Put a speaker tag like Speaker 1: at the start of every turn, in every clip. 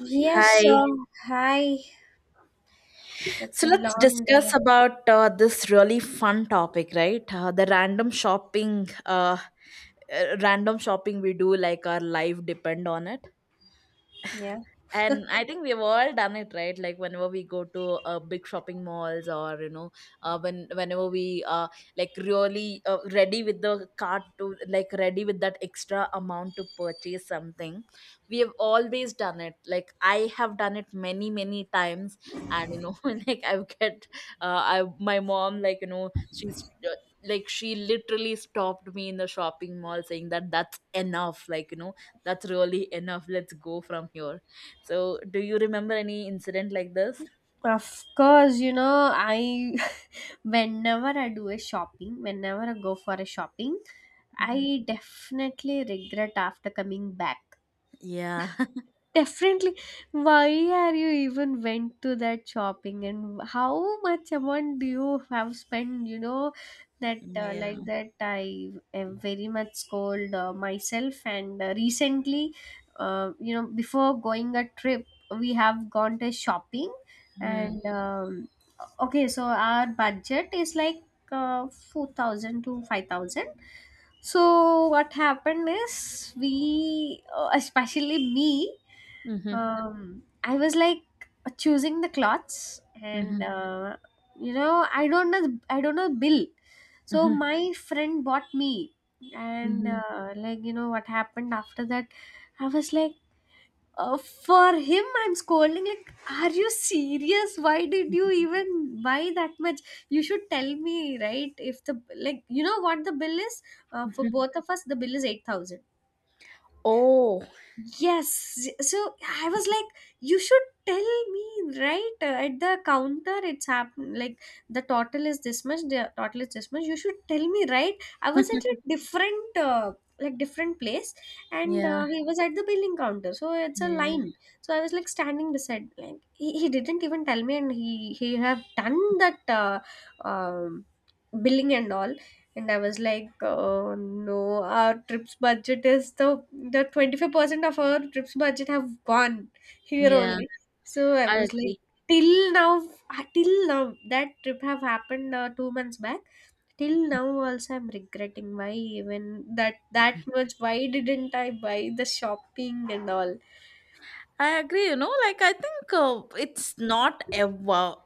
Speaker 1: Yes, sir.
Speaker 2: Hi.
Speaker 1: Hi. It's a
Speaker 2: So let's
Speaker 1: long
Speaker 2: discuss
Speaker 1: day.
Speaker 2: about this really fun topic, right? The random shopping we do, like our life depend on it.
Speaker 1: Yeah.
Speaker 2: And I think we've all done it, right? Like whenever we go to big shopping malls, or you know, whenever we like really ready with the cart to like ready with that extra amount to purchase something, we have always done it. Like I have done it many many times, and like I've get I my mom like you know she's. Like she literally stopped me in the shopping mall saying that that's enough, like you know that's really enough, let's go from here. So, do you remember any incident like this?
Speaker 1: Of course, you know, I whenever I do a shopping, whenever I go for a shopping,
Speaker 2: Hmm.
Speaker 1: I definitely regret after coming back.
Speaker 2: Yeah.
Speaker 1: Definitely. Why are you even went to that shopping and how much amount do you have spent? You know that like
Speaker 2: Yeah.
Speaker 1: that I am very much scold myself and recently, you know, before going a trip, we have gone to shopping
Speaker 2: Mm-hmm.
Speaker 1: and okay, so our budget is like 4,000 to 5,000. So what happened is especially me
Speaker 2: Mm-hmm.
Speaker 1: um I was like choosing the cloths and
Speaker 2: Mm-hmm.
Speaker 1: you know, I don't know the bill, so
Speaker 2: Mm-hmm.
Speaker 1: my friend bought me. And like, you know what happened after that? I was like, for him I'm scolding like, are you serious? Why did you
Speaker 2: Mm-hmm.
Speaker 1: even buy that much? You should tell me, right? If the like you know what the bill is, for both of us the bill is 8000.
Speaker 2: Oh.
Speaker 1: Yes. So I was like, you should tell me, right? At the counter, it's happened. Like, the total is this much, the total is this much. You should tell me, right? I was at a different, like, different place, and
Speaker 2: Yeah.
Speaker 1: he was at the billing counter. So it's a
Speaker 2: Yeah.
Speaker 1: line. So I was like standing beside, like, he didn't even tell me, and he have done that, um, billing and all, and I was like, oh no, our trips budget is the 25% of our trips budget have gone here
Speaker 2: Yeah.
Speaker 1: only. So I
Speaker 2: I
Speaker 1: was like,
Speaker 2: agree.
Speaker 1: till now, till now, that trip have happened 2 months back, till now also I'm regretting, why even that much, why didn't I buy the shopping and all.
Speaker 2: I agree, like I think it's not ever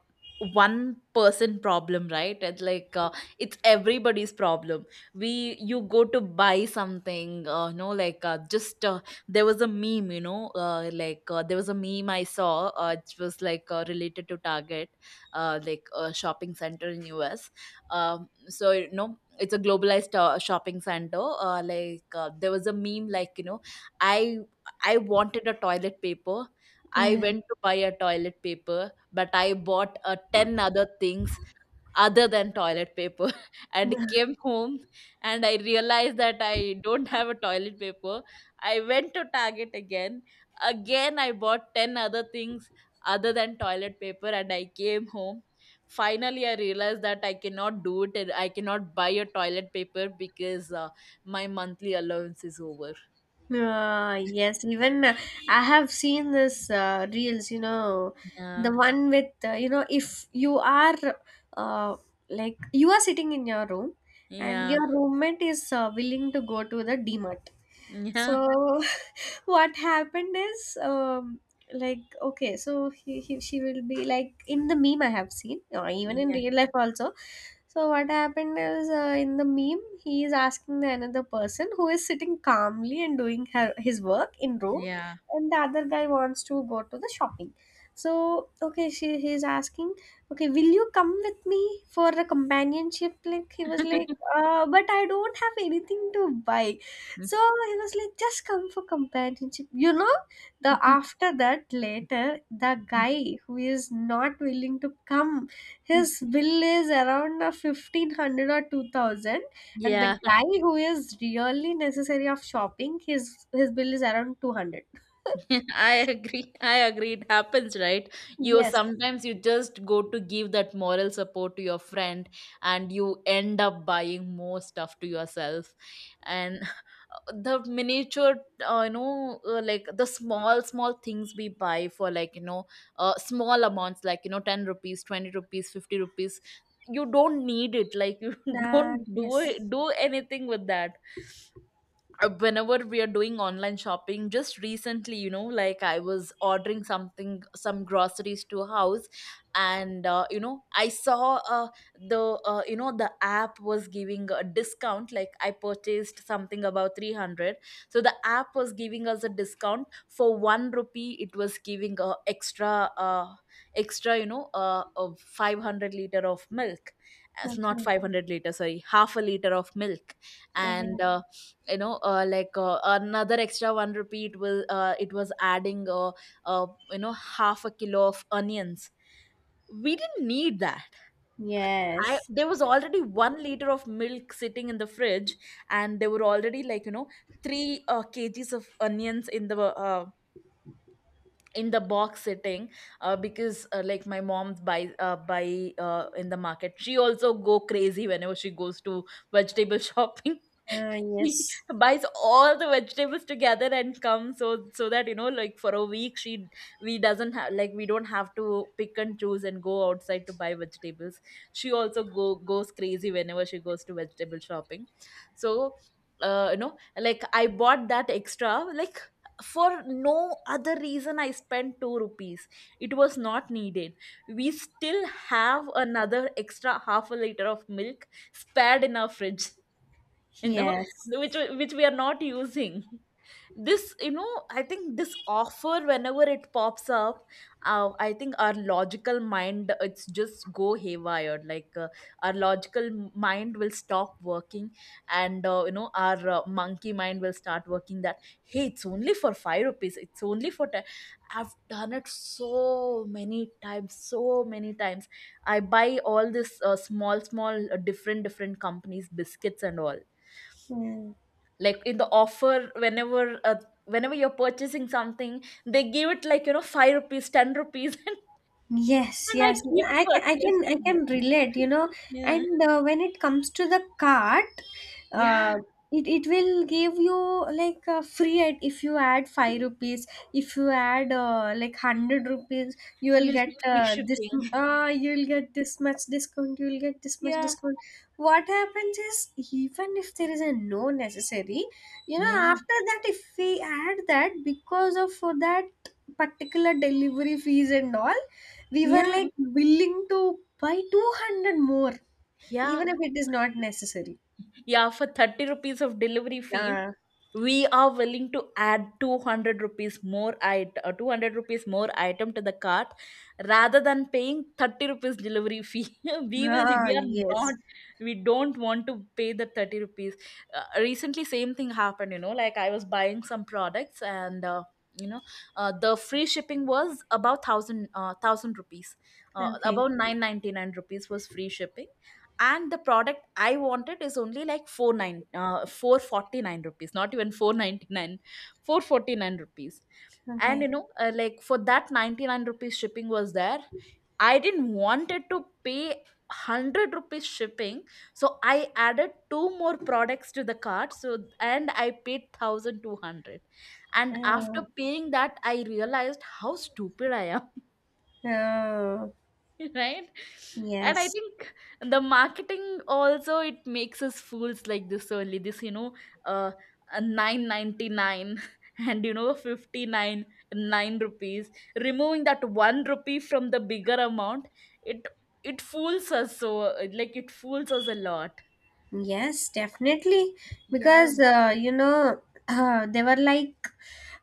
Speaker 2: one person problem, right? It's like it's everybody's problem. We, you go to buy something, you know like just there was a meme, there was a meme I saw, it was like related to Target, like a shopping center in US. So you know it's a globalized shopping center. There was a meme like you know, I I wanted a toilet paper. I
Speaker 1: Yeah.
Speaker 2: went to buy a toilet paper, but I bought 10 other things other than toilet paper and came home and I realized that I don't have a toilet paper. I went to Target again. Again, I bought 10 other things other than toilet paper and I came home. Finally, I realized that I cannot do it and I cannot buy a toilet paper because my monthly allowance is over.
Speaker 1: Yes, even I have seen this reels, you know, the
Speaker 2: Yeah,
Speaker 1: one with, you know, if you are uh, like you are sitting in your room and
Speaker 2: yeah.
Speaker 1: your roommate is willing to go to the D Mart.
Speaker 2: Yeah,
Speaker 1: So what happened is, like, okay, so he she will be like, in the meme I have seen or even in
Speaker 2: yeah,
Speaker 1: real life also. So what happened is, in the meme he is asking the another person who is sitting calmly and doing his work in room,
Speaker 2: yeah.
Speaker 1: and the other guy wants to go to the shopping. So okay, she he is asking, okay, will you come with me for a companionship? Like he was like, but I don't have anything to buy. So he was like, just come for companionship. You know, the after that later, the guy who is not willing to come, his bill is around 1500 or 2000, and the
Speaker 2: Yeah,
Speaker 1: guy who is really necessary of shopping, his bill is around 200.
Speaker 2: I agree. I agree. It happens, right? You
Speaker 1: Yes.
Speaker 2: sometimes you just go to give that moral support to your friend and you end up buying more stuff to yourself. And the miniature, like the small, small things we buy for like, small amounts like, you know, 10 rupees, 20 rupees, 50 rupees. You don't need it. Like you
Speaker 1: Ah,
Speaker 2: don't do it,
Speaker 1: yes.
Speaker 2: do anything with that. Whenever we are doing online shopping, just recently you know like I was ordering something, some groceries to house, and I saw the you know the app was giving a discount, like I purchased something about 300, so the app was giving us a discount, for 1 rupee it was giving a extra, uh, extra of 500 liter of milk. It's not
Speaker 1: Okay.
Speaker 2: 500 liter, sorry, half a liter of milk. And
Speaker 1: Okay.
Speaker 2: another extra one repeat will it was adding half a kilo of onions. We didn't need that. I
Speaker 1: Yes.
Speaker 2: there was already 1 liter of milk sitting in the fridge, and there were already like you know 3 kgs of onions in the in the box sitting, because like my mom buy buy in the market, she also go crazy whenever she goes to vegetable shopping.
Speaker 1: Ah,
Speaker 2: She
Speaker 1: yes.
Speaker 2: buys all the vegetables together and comes, so that you know, like for a week she, we don't have to pick and choose and go outside to buy vegetables. She also go goes crazy whenever she goes to vegetable shopping. So I bought that extra, like for no other reason I spent 2 rupees. It was not needed. We still have another extra half a liter of milk spared in our fridge. You know,
Speaker 1: Yes.
Speaker 2: which which we are not using. This you know, I think this offer, whenever it pops up, I think our logical mind it's just go haywire, like our logical mind will stop working, and our monkey mind will start working that, hey it's only for 5 rupees, it's only for 10. I've done it so many times, so many times. I buy all this small small different different companies biscuits and all,
Speaker 1: Hmm.
Speaker 2: like in the offer whenever you're purchasing something, they give it like you know 5 rupees, 10 rupees
Speaker 1: Yes,
Speaker 2: and I
Speaker 1: yes,
Speaker 2: keep
Speaker 1: I
Speaker 2: purchasing.
Speaker 1: can relate, you know.
Speaker 2: Yeah.
Speaker 1: And when it comes to the cart,
Speaker 2: Yeah.
Speaker 1: uh, it it will give you like a free ad if you add 5 rupees. If you add like 100 rupees, you will
Speaker 2: You'll
Speaker 1: get
Speaker 2: get free shipping.
Speaker 1: you will get this much discount. You will get this much
Speaker 2: Yeah.
Speaker 1: discount. What happens is, even if there is a no necessary, you know,
Speaker 2: Yeah.
Speaker 1: after that if we add that because of that particular delivery fees and all, we were
Speaker 2: Yeah.
Speaker 1: like willing to buy 200 more,
Speaker 2: Yeah.
Speaker 1: even if it is not necessary.
Speaker 2: Yeah, for 30 rupees of delivery fee,
Speaker 1: Ah,
Speaker 2: we are willing to add 200 rupees more item, 200 rupees more item to the cart, rather than paying 30 rupees delivery fee. We will,
Speaker 1: ah
Speaker 2: we are
Speaker 1: yes.
Speaker 2: not, we don't want to pay the 30 rupees. Recently same thing happened, you know, like I was buying some products, and you know the free shipping was about 1000 rupees,
Speaker 1: Okay,
Speaker 2: about 999 rupees was free shipping, and the product I wanted is only like 49 uh, 449 rupees, not even 499 449 rupees. And you
Speaker 1: okay.
Speaker 2: know, for that 99 rupees shipping was there. I didn't wanted to pay 100 rupees shipping, so I added two more products to the cart, so and I paid 1200. And after
Speaker 1: Oh,
Speaker 2: paying that, I realized how stupid I am.
Speaker 1: oh
Speaker 2: Right? And I
Speaker 1: yes.
Speaker 2: think the marketing also, it makes us fools like this only. This you know, uh, a 999 and you know 59, 9 rupees, removing that 1 rupee from the bigger amount, it it fools us so, it fools us a lot.
Speaker 1: Yes, definitely.
Speaker 2: Yeah.
Speaker 1: Because you know, they were like,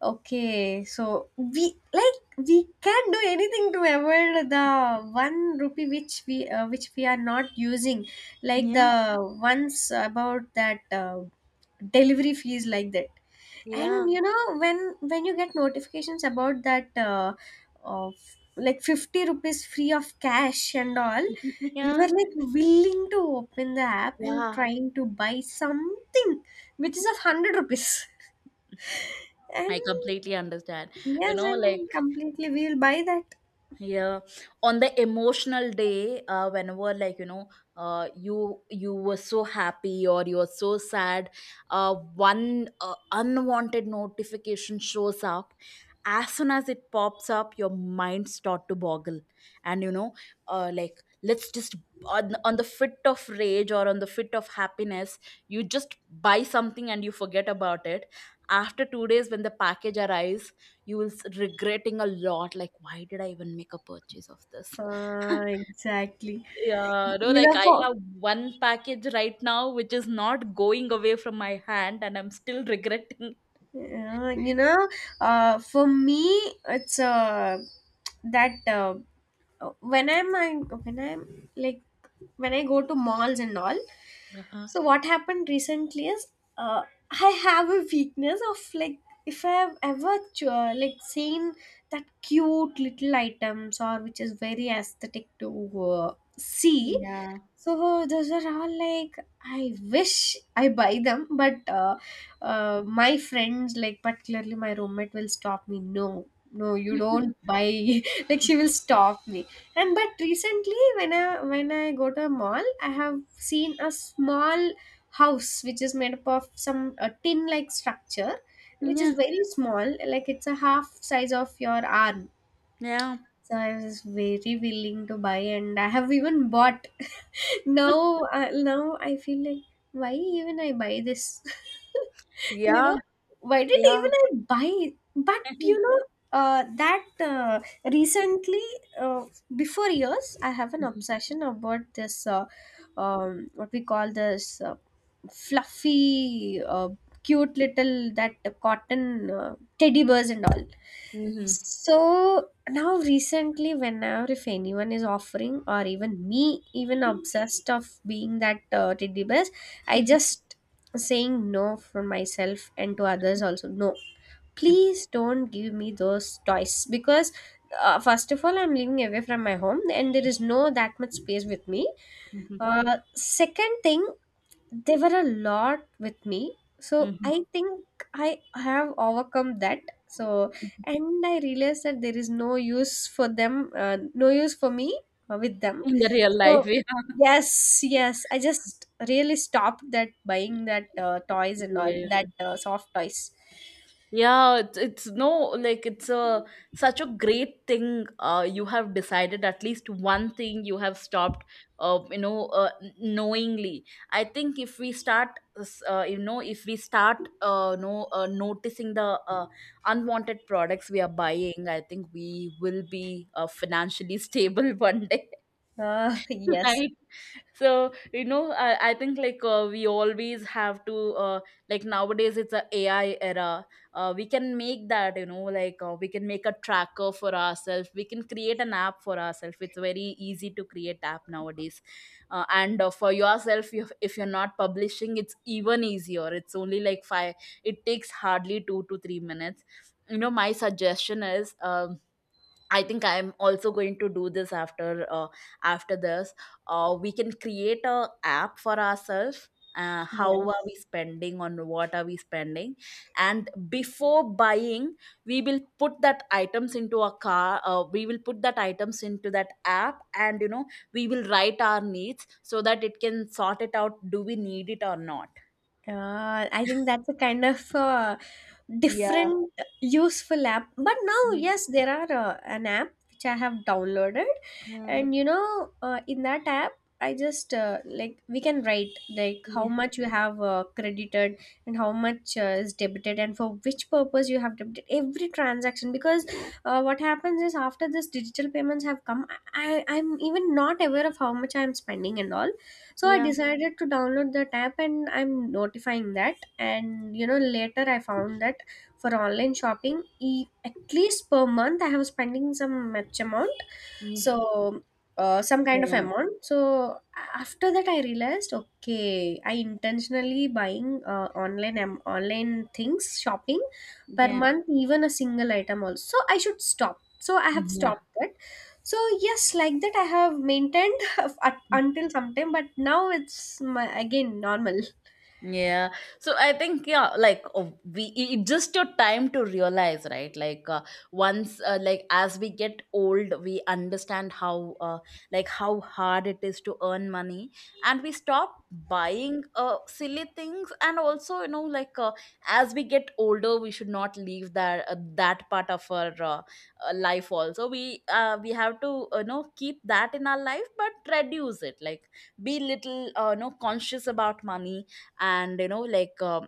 Speaker 1: okay, so we like we can do anything to avoid the one rupee which we are not using, like
Speaker 2: Yeah,
Speaker 1: the ones about that delivery fees like that.
Speaker 2: yeah,
Speaker 1: And you know, when you get notifications about that, of like 50 rupees free of cash and all, we
Speaker 2: yeah
Speaker 1: were like willing to open the app and
Speaker 2: yeah.
Speaker 1: trying to buy something which is of 100 rupees. And
Speaker 2: I completely understand. You
Speaker 1: yes,
Speaker 2: know,
Speaker 1: and
Speaker 2: like
Speaker 1: completely we'll buy that.
Speaker 2: yeah, on the emotional day, whenever like you know, you were so happy or you were so sad, one unwanted notification shows up, as soon as it pops up your mind start to boggle, and you know, like let's just, on the fit of rage or on the fit of happiness, you just buy something and you forget about it. After 2 days when the package arrives, you will regretting a lot, like why did I even make a purchase of this.
Speaker 1: Exactly,
Speaker 2: Yeah, no
Speaker 1: you
Speaker 2: like
Speaker 1: know.
Speaker 2: I
Speaker 1: For
Speaker 2: have one package right now, which is not going away from my hand, and I'm still regretting.
Speaker 1: yeah, you know, for me it's that when I'm like, when I go to malls and all.
Speaker 2: Uh-huh.
Speaker 1: So what happened recently is, uh, I have a weakness of like, if I have ever like seen that cute little items or which is very aesthetic to see.
Speaker 2: Yeah.
Speaker 1: So those are all like I wish I buy them, but my friends, like particularly my roommate, will stop me. No, no, you don't buy. Like she will stop me. And but recently, when I go to a mall, I have seen a small house which is made up of some a tin like structure, which is
Speaker 2: Yeah.
Speaker 1: very small. Like it's a half size of your arm.
Speaker 2: Yeah.
Speaker 1: So I was very willing to buy, and I have even bought. Now now I feel like, why even I buy this? You know,
Speaker 2: Yeah.
Speaker 1: why did
Speaker 2: Yeah.
Speaker 1: even I buy? But you know, that recently, uh, before years I have an
Speaker 2: Mhm.
Speaker 1: obsession about this, what we call this, fluffy, cute little, that cotton teddy bears and all.
Speaker 2: Mhm.
Speaker 1: So now recently, whenever if anyone is offering or even me even obsessed of being that teddy bear, I just saying no for myself, and to others also, no, please don't give me those toys. Because first of all, I'm living away from my home and there is no that much space with me.
Speaker 2: Mhm.
Speaker 1: Second thing, they were a lot with me, so I
Speaker 2: Mhm.
Speaker 1: think I have overcome that. So, and I realized that there is no use for them, no use for me with them.
Speaker 2: In the real
Speaker 1: So
Speaker 2: life, yeah.
Speaker 1: yes, yes, I just really stopped that buying that toys and all,
Speaker 2: Yeah.
Speaker 1: that soft toys.
Speaker 2: Yeah, it's no, like it's a such a great thing. You have decided at least one thing. You have stopped. Knowingly. I think if we start, if we start, no, noticing the unwanted products we are buying, I think we will be financially stable one day.
Speaker 1: Yes,
Speaker 2: Right. So you know I think like we always have to uh, like nowadays it's a AI era. We can make that, you know like we can make a tracker for ourselves, we can create an app for ourselves. It's very easy to create app nowadays. And for yourself, if you're not publishing, it's even easier. It's only like five, it takes hardly 2 to 3 minutes. You know, my suggestion is, um, I think I'm also going to do this after after this. We can create a app for ourselves. How are
Speaker 1: yes.
Speaker 2: we spending? On what are we spending? And before buying, we will put that items into a car. We will put that items into that app, and you know, we will write our needs so that it can sort it out. Do we need it or not?
Speaker 1: I think that's a kind of
Speaker 2: Yeah.
Speaker 1: different useful app. But now,
Speaker 2: Yeah.
Speaker 1: yes, there are an app which I have downloaded, and
Speaker 2: Mhm.
Speaker 1: you know, in that app, I just like we can write like how
Speaker 2: Yeah.
Speaker 1: much you have credited and how much is debited and for which purpose you have debited every transaction. Because what happens is, after this digital payments have come, I'm even not aware of how much I'm spending and all. So I
Speaker 2: Yeah.
Speaker 1: decided to download that app, and I'm notifying that. And you know, later I found that for online shopping, at least per month I have spending some much amount, so some kind of
Speaker 2: Yeah.
Speaker 1: amount. So after that I realized, okay, I intentionally buying online things shopping per month, even a single item also, so I should stop. So I have
Speaker 2: Yeah.
Speaker 1: stopped that. So yes, like that I have maintained at,
Speaker 2: Yeah.
Speaker 1: until sometime, but now it's my, again normal.
Speaker 2: Yeah. So I think yeah, like it just your time to realize, right? Like once like as we get old, we understand how like how hard it is to earn money, and we stop buying silly things. And also you know like as we get older, we should not leave that part of our life also. We we have to you know keep that in our life but reduce it, like be little you know conscious about money. And you know like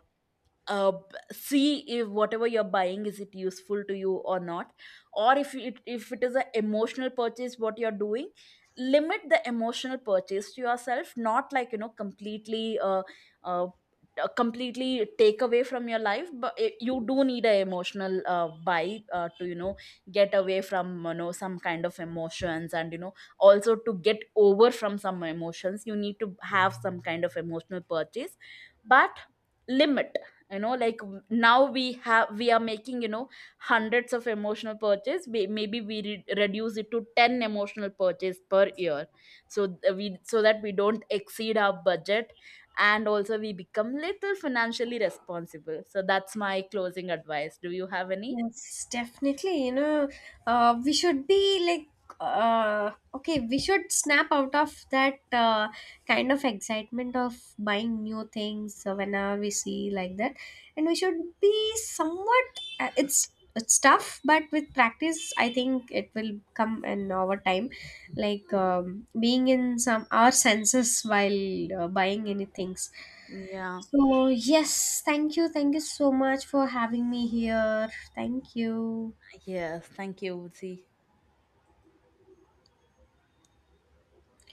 Speaker 2: uh, see if whatever you're buying is it useful to you or not, or if it is an emotional purchase what you're doing, limit the emotional purchase to yourself, not like you know completely uh, completely take away from your life, but you do need an emotional buy to you know get away from you know some kind of emotions. And you know also to get over from some emotions, you need to have some kind of emotional purchase. But limit, you know like now we have, we are making you know hundreds of emotional purchase. Maybe we reduce it to 10 emotional purchase per year, so th- we so that we don't exceed our budget, and also we become little financially responsible. So that's my closing advice. Do you have any?
Speaker 1: Yes, definitely. You know, we should be like, okay, we should snap out of that kind of excitement of buying new things whenever we see like that, and we should be somewhat. Uh, it's it's tough, but with practice, I think it will come in over time. Like being in some our senses while buying any things.
Speaker 2: Yeah.
Speaker 1: So, yes, thank you. Thank you so much for having me here. Thank you.
Speaker 2: Yes, thank you, see.